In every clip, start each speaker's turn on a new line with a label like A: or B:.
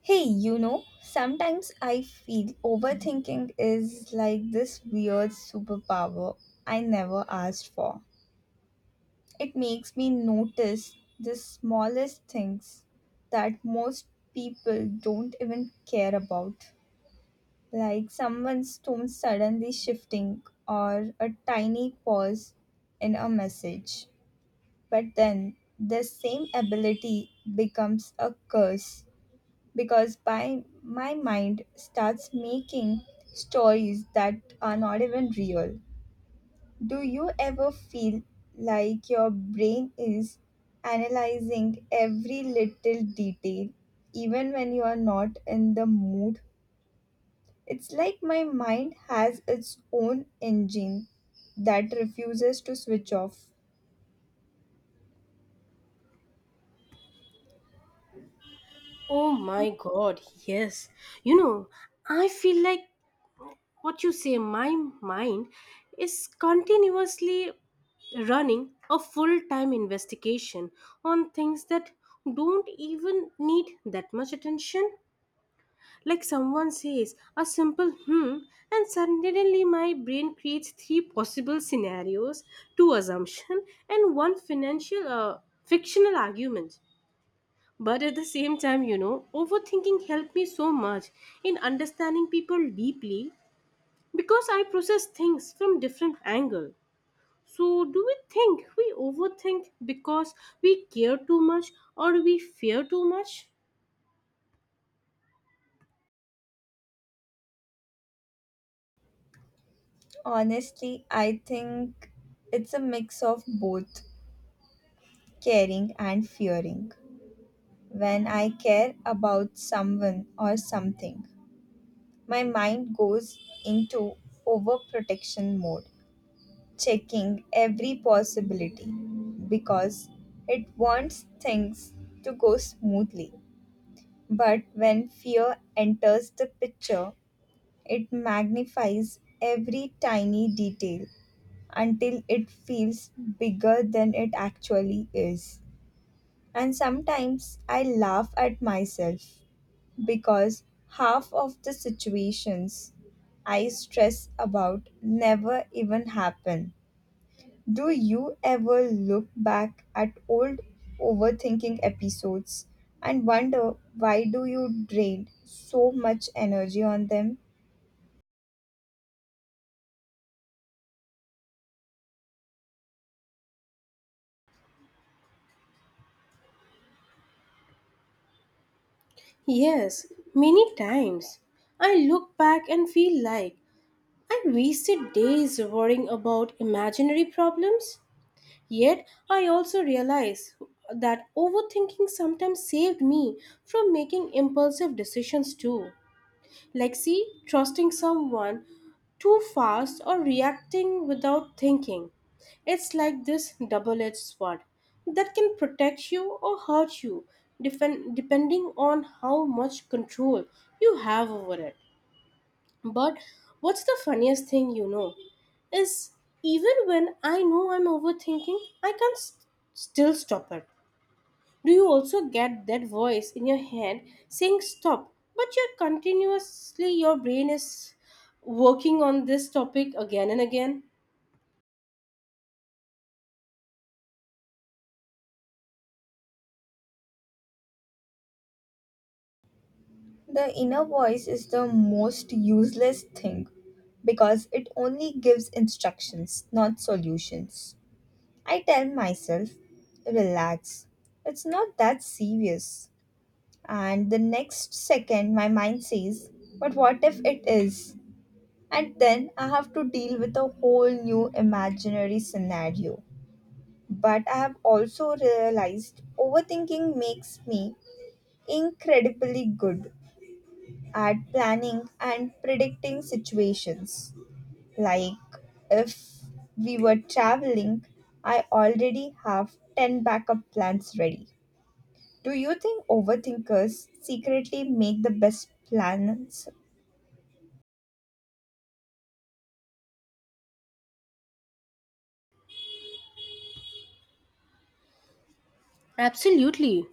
A: Hey, you know, sometimes I feel overthinking is like this weird superpower I never asked for. It makes me notice the smallest things that most people don't even care about, like someone's tone suddenly shifting or a tiny pause in a message. But then the same ability becomes a curse because by my mind starts making stories that are not even real. Do you ever feel like your brain is analyzing every little detail even when you are not in the mood? It's like my mind has its own engine that refuses to switch off.
B: Oh my god, yes. You know, I feel like what you say, my mind is continuously running a full time investigation on things that don't even need that much attention. Like someone says a simple hmm, and suddenly my brain creates three possible scenarios, two assumption, and one financial fictional argument but at the same time, overthinking helped me so much in understanding people deeply because I process things from different angle. So, do we think we overthink because we care too much or we fear too much?
A: Honestly, I think it's a mix of both caring and fearing. When I care about someone or something, my mind goes into overprotection mode, checking every possibility because it wants things to go smoothly. But when fear enters the picture, it magnifies every tiny detail until it feels bigger than it actually is. And sometimes I laugh at myself because half of the situations I stress about never even happen. Do you ever look back at old overthinking episodes and wonder why do you drain so much energy on them?
B: Yes, many times. I look back and feel like I wasted days worrying about imaginary problems. Yet, I also realize that overthinking sometimes saved me from making impulsive decisions too. Like, see, trusting someone too fast or reacting without thinking. It's like this double edged sword that can protect you or hurt you, depending on how much control you have over it. But what's the funniest thing you know is even when I know I'm overthinking, I can still stop it. Do you also get that voice in your head saying stop, but you're continuously, your brain is working on this topic again and again?
A: The inner voice is the most useless thing because it only gives instructions, not solutions. I tell myself, relax. It's not that serious. And the next second, my mind says, but what if it is? And then I have to deal with a whole new imaginary scenario. But I have also realized overthinking makes me incredibly good at planning and predicting situations. Like if we were traveling, I already have 10 backup plans ready. Do you think overthinkers secretly make the best plans?
B: Absolutely.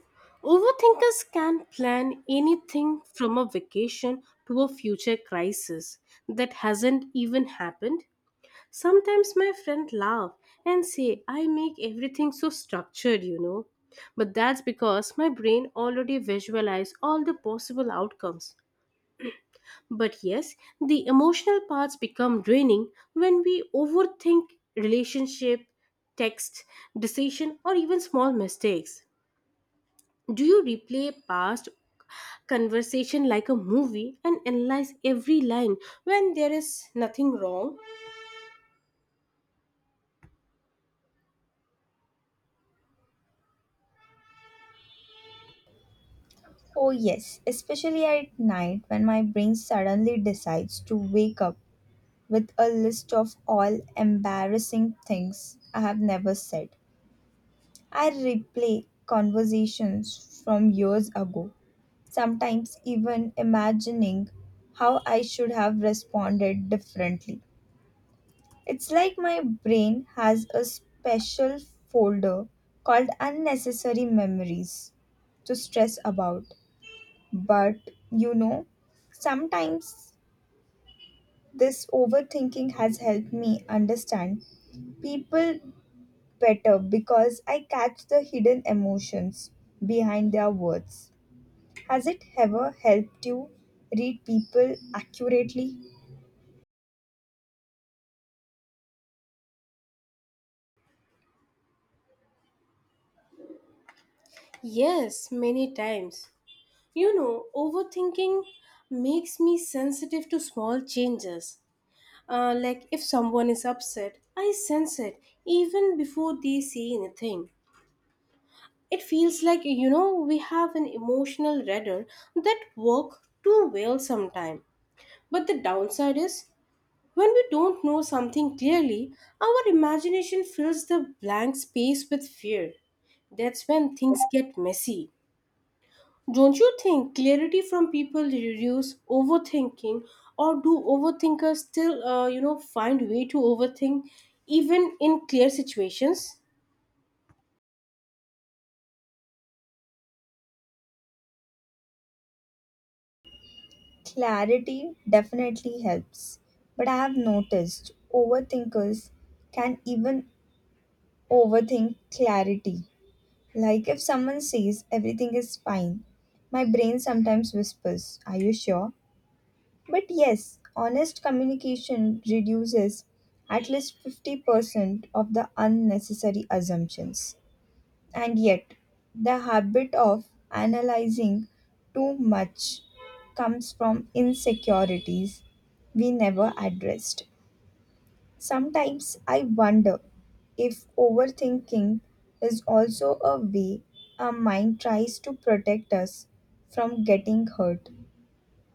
B: Overthinkers can plan anything from a vacation to a future crisis that hasn't even happened. Sometimes my friend laugh and say I make everything so structured, you know. But that's because my brain already visualize all the possible outcomes. But yes, the emotional parts become draining when we overthink relationship, text, decision or even small mistakes. Do you replay past conversation like a movie and analyze every line when there is nothing wrong?
A: Oh, yes, especially at night when my brain suddenly decides to wake up with a list of all embarrassing things I have never said. I replay conversations from years ago, sometimes even imagining how I should have responded differently. It's like my brain has a special folder called unnecessary memories to stress about. But you know, sometimes this overthinking has helped me understand people better because I catch the hidden emotions behind their words. Has it ever helped you read people accurately?
B: Yes, many times. You know, overthinking makes me sensitive to small changes. Like if someone is upset, I sense it even before they say anything. It feels like, you know, we have an emotional radar that work too well sometimes. But the downside is, when we don't know something clearly, our imagination fills the blank space with fear. That's when things get messy. Don't you think clarity from people reduce overthinking, or do overthinkers still, you know, find way to overthink even in clear situations?
A: Clarity definitely helps, but I have noticed overthinkers can even overthink clarity. Like if someone says everything is fine, my brain sometimes whispers, are you sure? But yes, honest communication reduces at least 50% of the unnecessary assumptions. And yet, the habit of analyzing too much comes from insecurities we never addressed. Sometimes I wonder if overthinking is also a way our mind tries to protect us from getting hurt.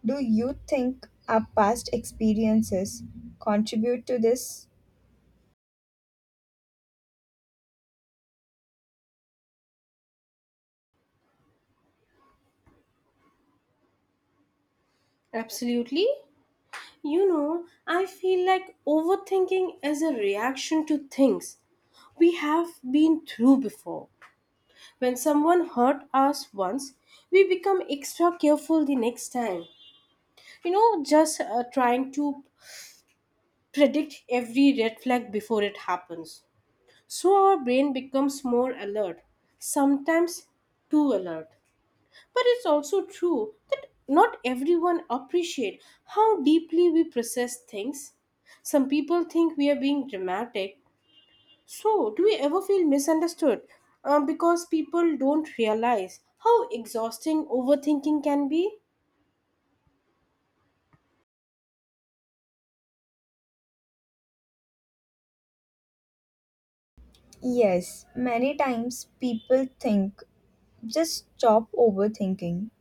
A: Do you think our past experiences contribute to this?
B: Absolutely. You know, I feel like overthinking is a reaction to things we have been through before. When someone hurt us once, we become extra careful the next time. You know, just trying to predict every red flag before it happens. So our brain becomes more alert, sometimes too alert. But it's also true that not everyone appreciate how deeply we process things. Some people think we are being dramatic. So do we ever feel misunderstood? Because people don't realize how exhausting overthinking can be.
A: Yes, many times people think just stop overthinking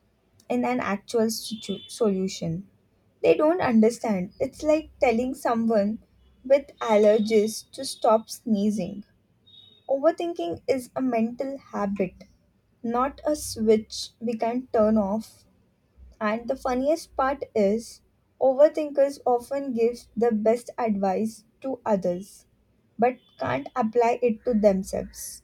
A: in an actual solution. They don't understand. It's like telling someone with allergies to stop sneezing. Overthinking is a mental habit, not a switch we can turn off. And the funniest part is, overthinkers often give the best advice to others but can't apply it to themselves.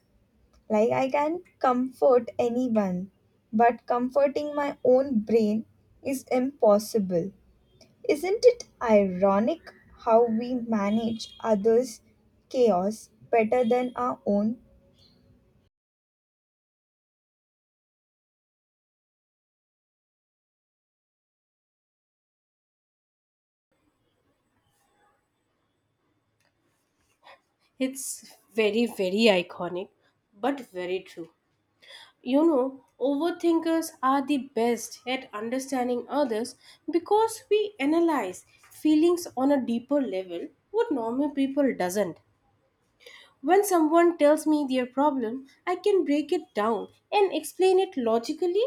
A: Like, I can comfort anyone, but comforting my own brain is impossible. Isn't it ironic how we manage others' chaos better than our own?
B: It's very, very iconic, but very true. You know, overthinkers are the best at understanding others because we analyze feelings on a deeper level what normal people doesn't. When someone tells me their problem, I can break it down and explain it logically,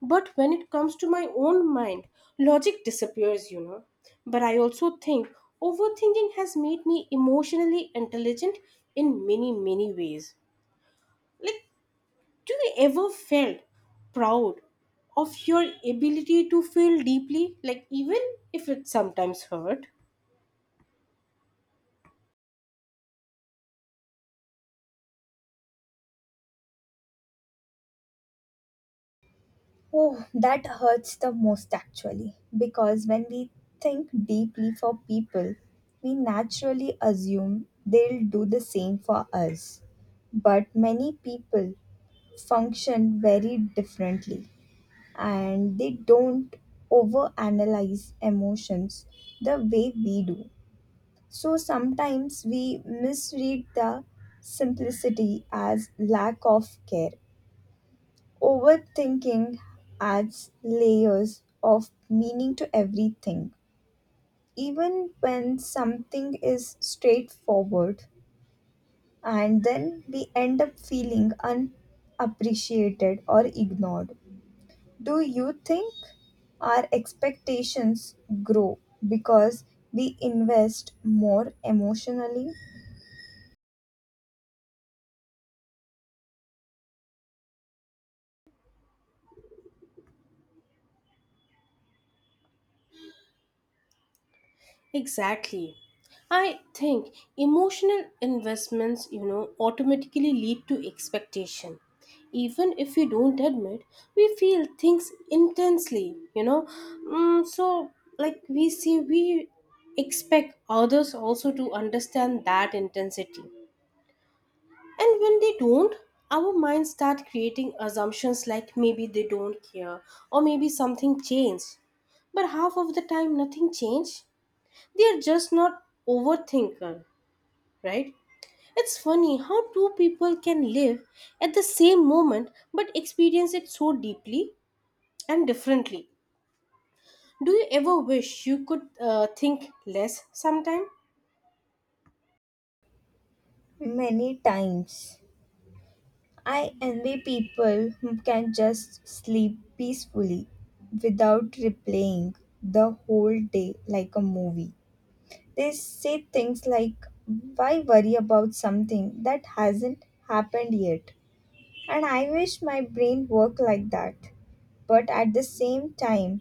B: but when it comes to my own mind, logic disappears, you know. But I also think overthinking has made me emotionally intelligent in many, many ways like do you ever felt proud of your ability to feel deeply, like even if it sometimes hurt?
A: Oh, that hurts the most actually, because when we think deeply for people, we naturally assume they'll do the same for us. But many people function very differently and they don't overanalyze emotions the way we do. So sometimes we misread the simplicity as lack of care. Overthinking adds layers of meaning to everything, even when something is straightforward, and then we end up feeling unappreciated or ignored. Do you think our expectations grow because we invest more emotionally?
B: Exactly. I think emotional investments, you know, automatically lead to expectation. Even if we don't admit, we feel things intensely, you know. Mm, so, like we see, we expect others also to understand that intensity. And when they don't, our minds start creating assumptions like maybe they don't care or maybe something changed. But half of the time, nothing changed. They are just not overthinker, right? It's funny how two people can live at the same moment but experience it so deeply and differently. Do you ever wish you could think less sometime?
A: Many times. I envy people who can just sleep peacefully without replaying the whole day like a movie. They say things like, why worry about something that hasn't happened yet? And I wish my brain worked like that. But at the same time,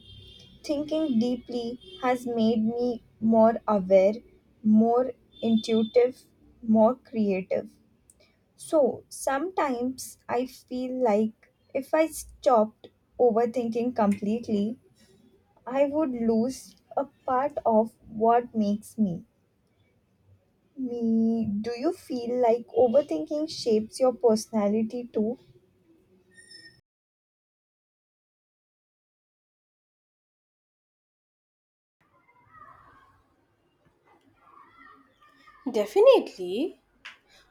A: thinking deeply has made me more aware, more intuitive, more creative. So sometimes I feel like if I stopped overthinking completely, I would lose a part of what makes me me. Do you feel like overthinking shapes your personality too?
B: Definitely.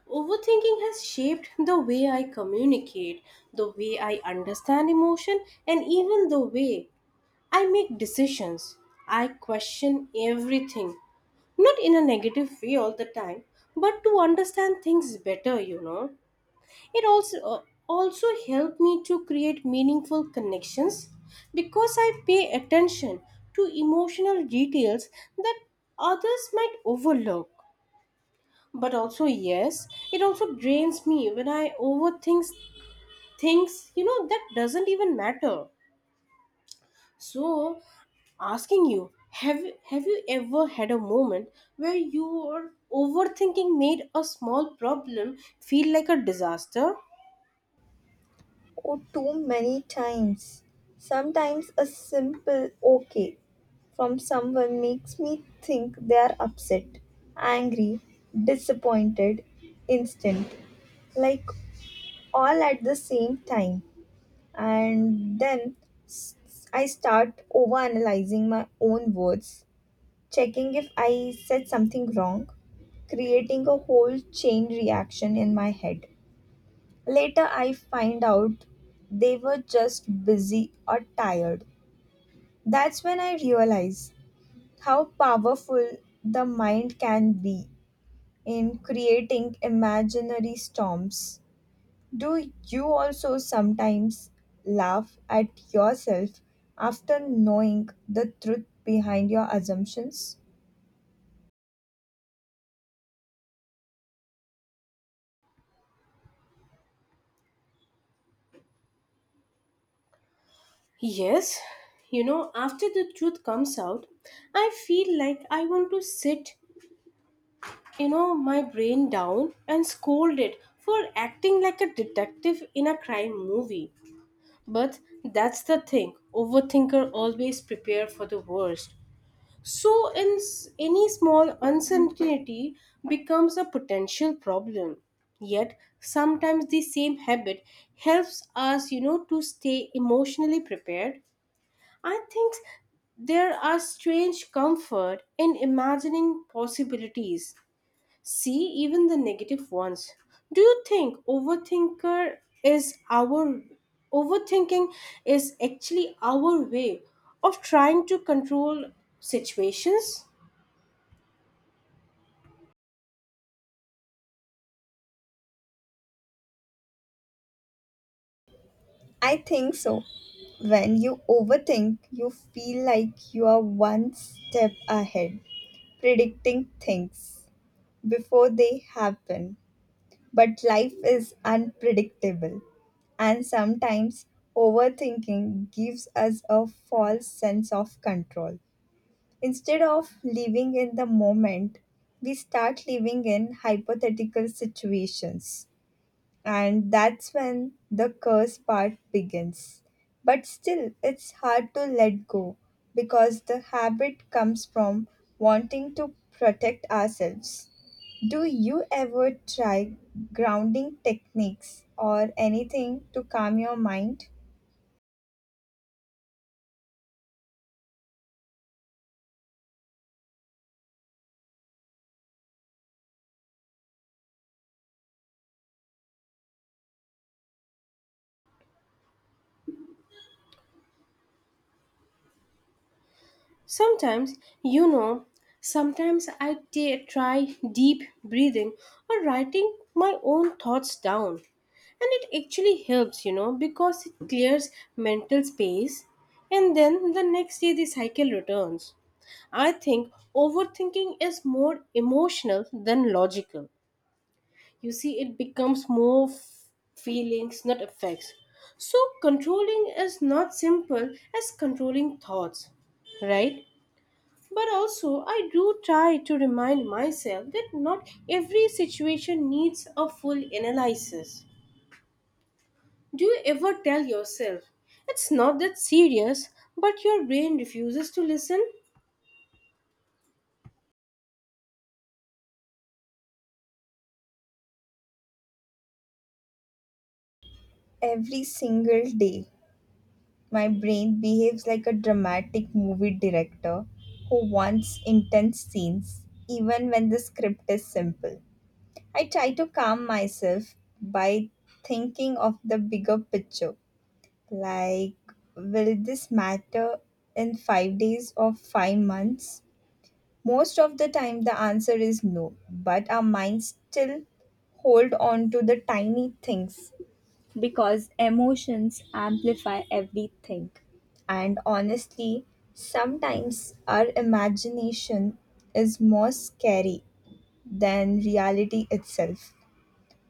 B: Overthinking has shaped the way I communicate, the way I understand emotion, and even the way I make decisions. I question everything, not in a negative way all the time, but to understand things better, you know. It also also helped me to create meaningful connections because I pay attention to emotional details that others might overlook, but also yes, it also drains me when I overthink things, you know, that doesn't even matter. So, asking you, have you ever had a moment where your overthinking made a small problem feel like a disaster?
A: Or too many times? Sometimes a simple okay from someone makes me think they are upset, angry, disappointed, instant, like all at the same time. And then s- I start overanalyzing my own words, checking if I said something wrong, creating a whole chain reaction in my head. Later, I find out they were just busy or tired. That's when I realize how powerful the mind can be in creating imaginary storms. Do you also sometimes laugh at yourself after knowing the truth behind your assumptions?
B: Yes, you know, after the truth comes out, I feel like I want to sit, you know, my brain down and scold it for acting like a detective in a crime movie. But that's the thing. Overthinker always prepare for the worst. So in any small uncertainty becomes a potential problem. Yet sometimes the same habit helps us, you know, to stay emotionally prepared. I think there are strange comfort in imagining possibilities. See, even the negative ones. Do you think overthinker is our overthinking is actually our way of trying to control situations?
A: I think so. When you overthink, you feel like you are one step ahead, predicting things before they happen. But life is unpredictable, and sometimes overthinking gives us a false sense of control. Instead of living in the moment, we start living in hypothetical situations. And that's when the curse part begins. But still, it's hard to let go because the habit comes from wanting to protect ourselves. Do you ever try grounding techniques or anything to calm your mind?
B: Sometimes, you know, sometimes I try deep breathing or writing my own thoughts down. And it actually helps, you know, because it clears mental space. And then the next day, the cycle returns. I think overthinking is more emotional than logical. You see, it becomes more feelings, not effects. So, controlling is not simple as controlling thoughts, right? But also, I do try to remind myself that not every situation needs a full analysis. Do you ever tell yourself, it's not that serious, but your brain refuses to listen?
A: Every single day. My brain behaves like a dramatic movie director who wants intense scenes, even when the script is simple. I try to calm myself by thinking of the bigger picture. Like, will this matter in 5 days or 5 months? Most of the time, the answer is no, but our minds still hold on to the tiny things because emotions amplify everything. And honestly, sometimes our imagination is more scary than reality itself.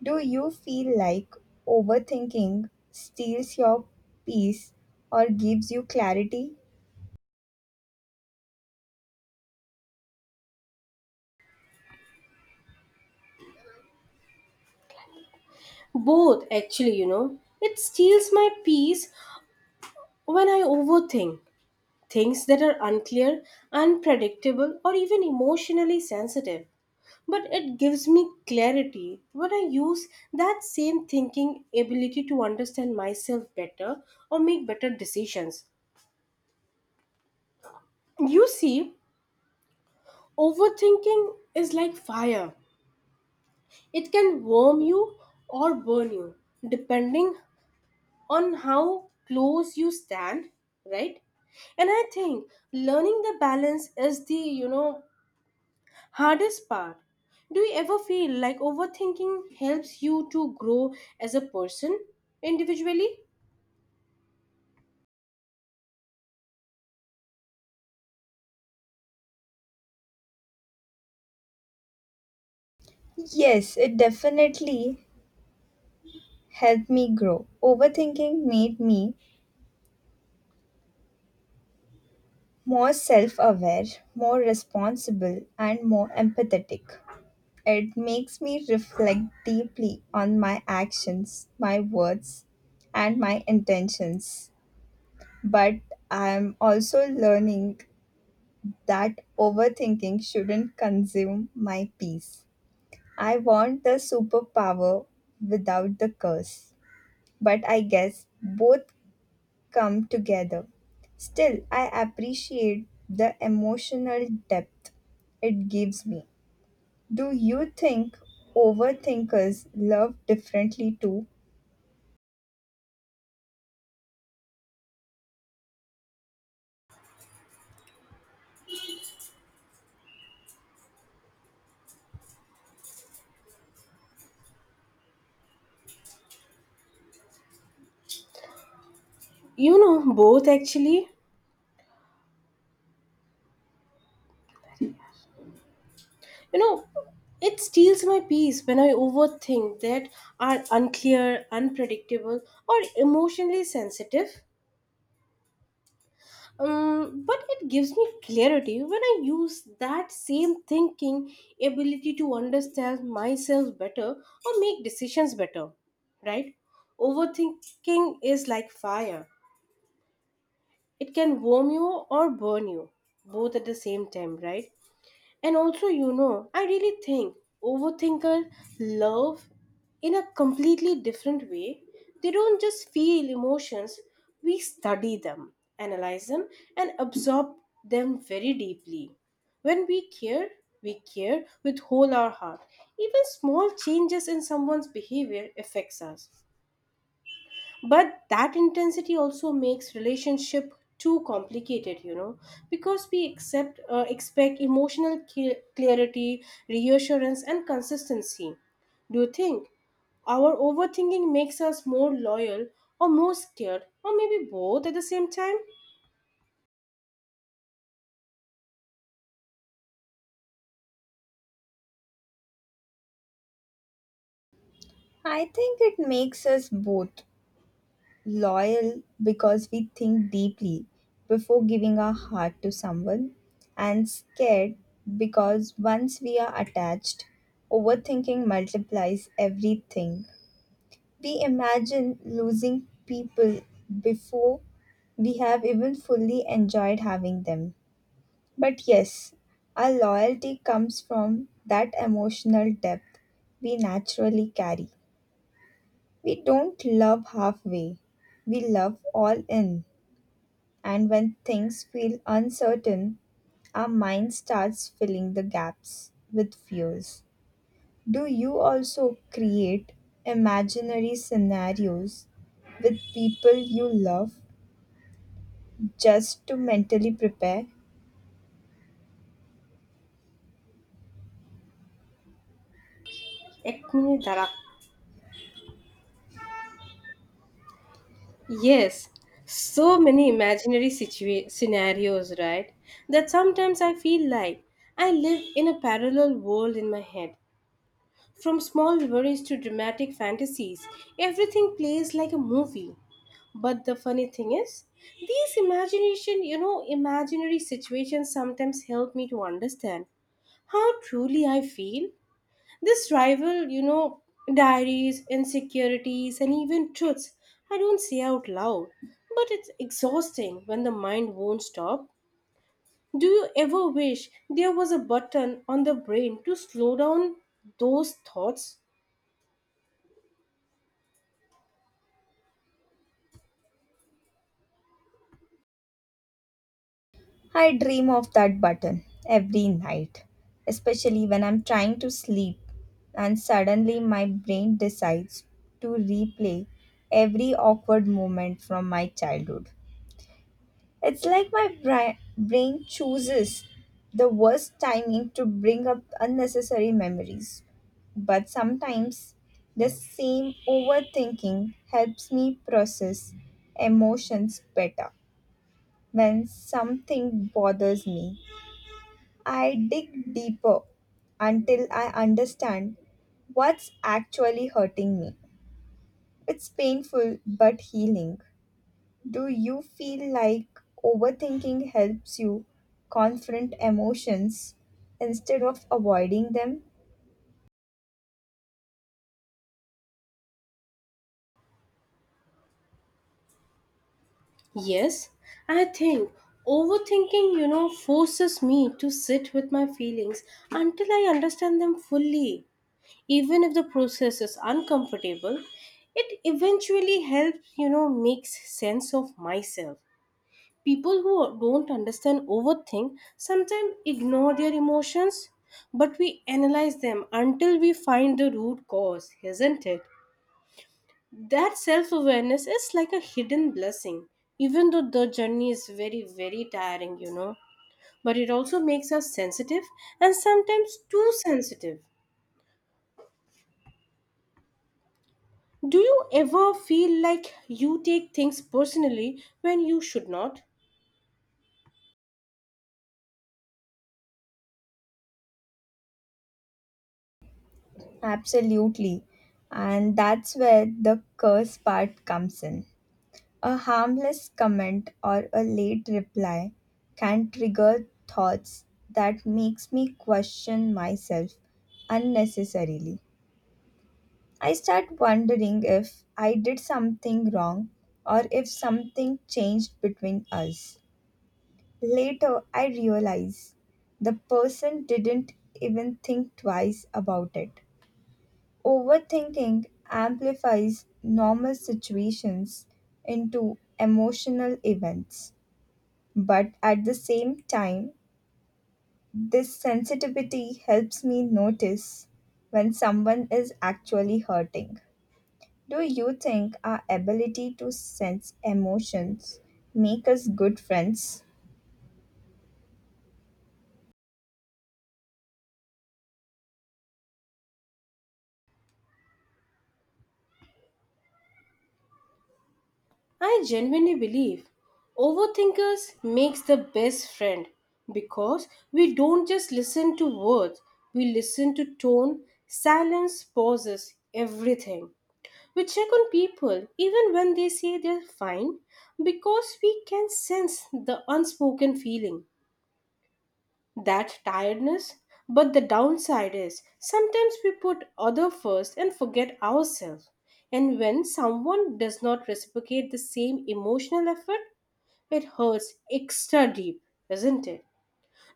A: Do you feel like overthinking steals your peace or gives you clarity?
B: Both, actually, you know. It steals my peace when I overthink things that are unclear, unpredictable, or even emotionally sensitive. But it gives me clarity when I use that same thinking ability to understand myself better or make better decisions. You see, overthinking is like fire, it can warm you or burn you depending on how close you stand, right? And I think learning the balance is the, you know, hardest part. Do you ever feel like overthinking helps you to grow as a person individually?
A: Yes, it definitely helped me grow. Overthinking made me more self aware, more responsible, and more empathetic. It makes me reflect deeply on my actions, my words, and my intentions. But I am also learning that overthinking shouldn't consume my peace. I want the superpower without the curse, but I guess both come together. Still, I appreciate the emotional depth it gives me. Do you think overthinkers love differently too?
B: You know, both actually. You know, it steals my peace when I overthink that are unclear, unpredictable, or emotionally sensitive. But it gives me clarity when I use that same thinking ability to understand myself better or make decisions better, right? Overthinking is like fire, it can warm you or burn you, both at the same time, right? And also, you know, I really think overthinkers love in a completely different way. They don't just feel emotions, we study them, analyze them, and absorb them very deeply. When we care with whole our heart. Even small changes in someone's behavior affects us, but that intensity also makes relationship too complicated, you know, because we accept expect emotional clarity, reassurance and consistency. Do you think our overthinking makes us more loyal or more scared or maybe both at the same time?
A: I think it makes us both loyal because we think deeply before giving our heart to someone, and scared because once we are attached, overthinking multiplies everything. We imagine losing people before we have even fully enjoyed having them. But yes, our loyalty comes from that emotional depth we naturally carry. We don't love halfway, we love all in. And when things feel uncertain, our mind starts filling the gaps with fears. Do you also create imaginary scenarios with people you love just to mentally prepare?
B: Ekme Darak. Yes, so many imaginary scenarios, right? That sometimes I feel like I live in a parallel world in my head. From small worries to dramatic fantasies, everything plays like a movie. But the funny thing is, these imagination, you know, imaginary situations sometimes help me to understand how truly I feel. This rival, you know, diaries, insecurities, and even truths I don't say out loud. But it's exhausting when the mind won't stop. Do you ever wish there was a button on the brain to slow down those thoughts?
A: I dream of that button every night, especially when I'm trying to sleep and suddenly my brain decides to replay every awkward moment from my childhood. It's like my brain chooses the worst timing to bring up unnecessary memories. But sometimes the same overthinking helps me process emotions better when something bothers me. I dig deeper until I understand what's actually hurting me. It's painful but healing. Do you feel like overthinking helps you confront emotions instead of avoiding them?
B: Yes, I think overthinking, you know, forces me to sit with my feelings until I understand them fully. Even if the process is uncomfortable, it eventually helps, you know, makes sense of myself. People who don't understand overthink sometimes ignore their emotions, but we analyze them until we find the root cause, isn't it? That self awareness is like a hidden blessing, even though the journey is very, very tiring, you know. But it also makes us sensitive and sometimes too sensitive. Do you ever feel like you take things personally when you should not?
A: Absolutely. And that's where the curse part comes in. A harmless comment or a late reply can trigger thoughts that makes me question myself unnecessarily. I start wondering if I did something wrong or if something changed between us. Later, I realize the person didn't even think twice about it. Overthinking amplifies normal situations into emotional events. But at the same time, this sensitivity helps me notice when someone is actually hurting. Do you think our ability to sense emotions make us good friends?
B: I genuinely believe overthinkers makes the best friend because we don't just listen to words, we listen to tone, silence, pauses, everything. We check on people even when they say they're fine because we can sense the unspoken feeling, that tiredness. But the downside is sometimes we put other first and forget ourselves. And when someone does not reciprocate the same emotional effort, it hurts extra deep, isn't it?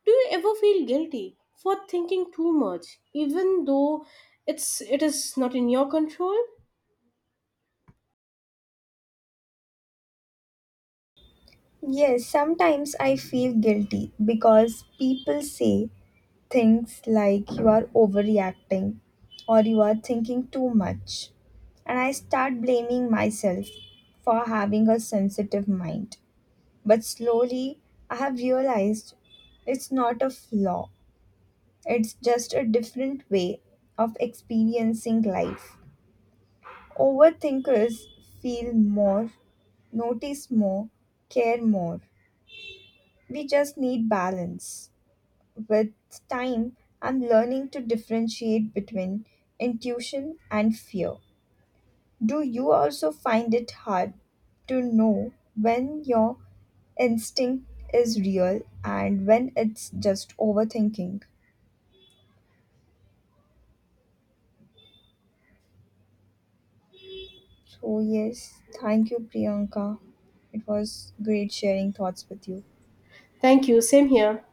B: Do you ever feel guilty for thinking too much even though it is not in your control?
A: Yes, sometimes I feel guilty because people say things like you are overreacting or you are thinking too much, and I start blaming myself for having a sensitive mind. But slowly, I have realized it's not a flaw, it's just a different way of experiencing life. Overthinkers feel more, notice more, care more. We just need balance. With time, I'm learning to differentiate between intuition and fear. Do you also find it hard to know when you're instinct is real and when it's just overthinking? So, yes, thank you, Priyanka. It was great sharing thoughts with you.
B: Thank you, same here.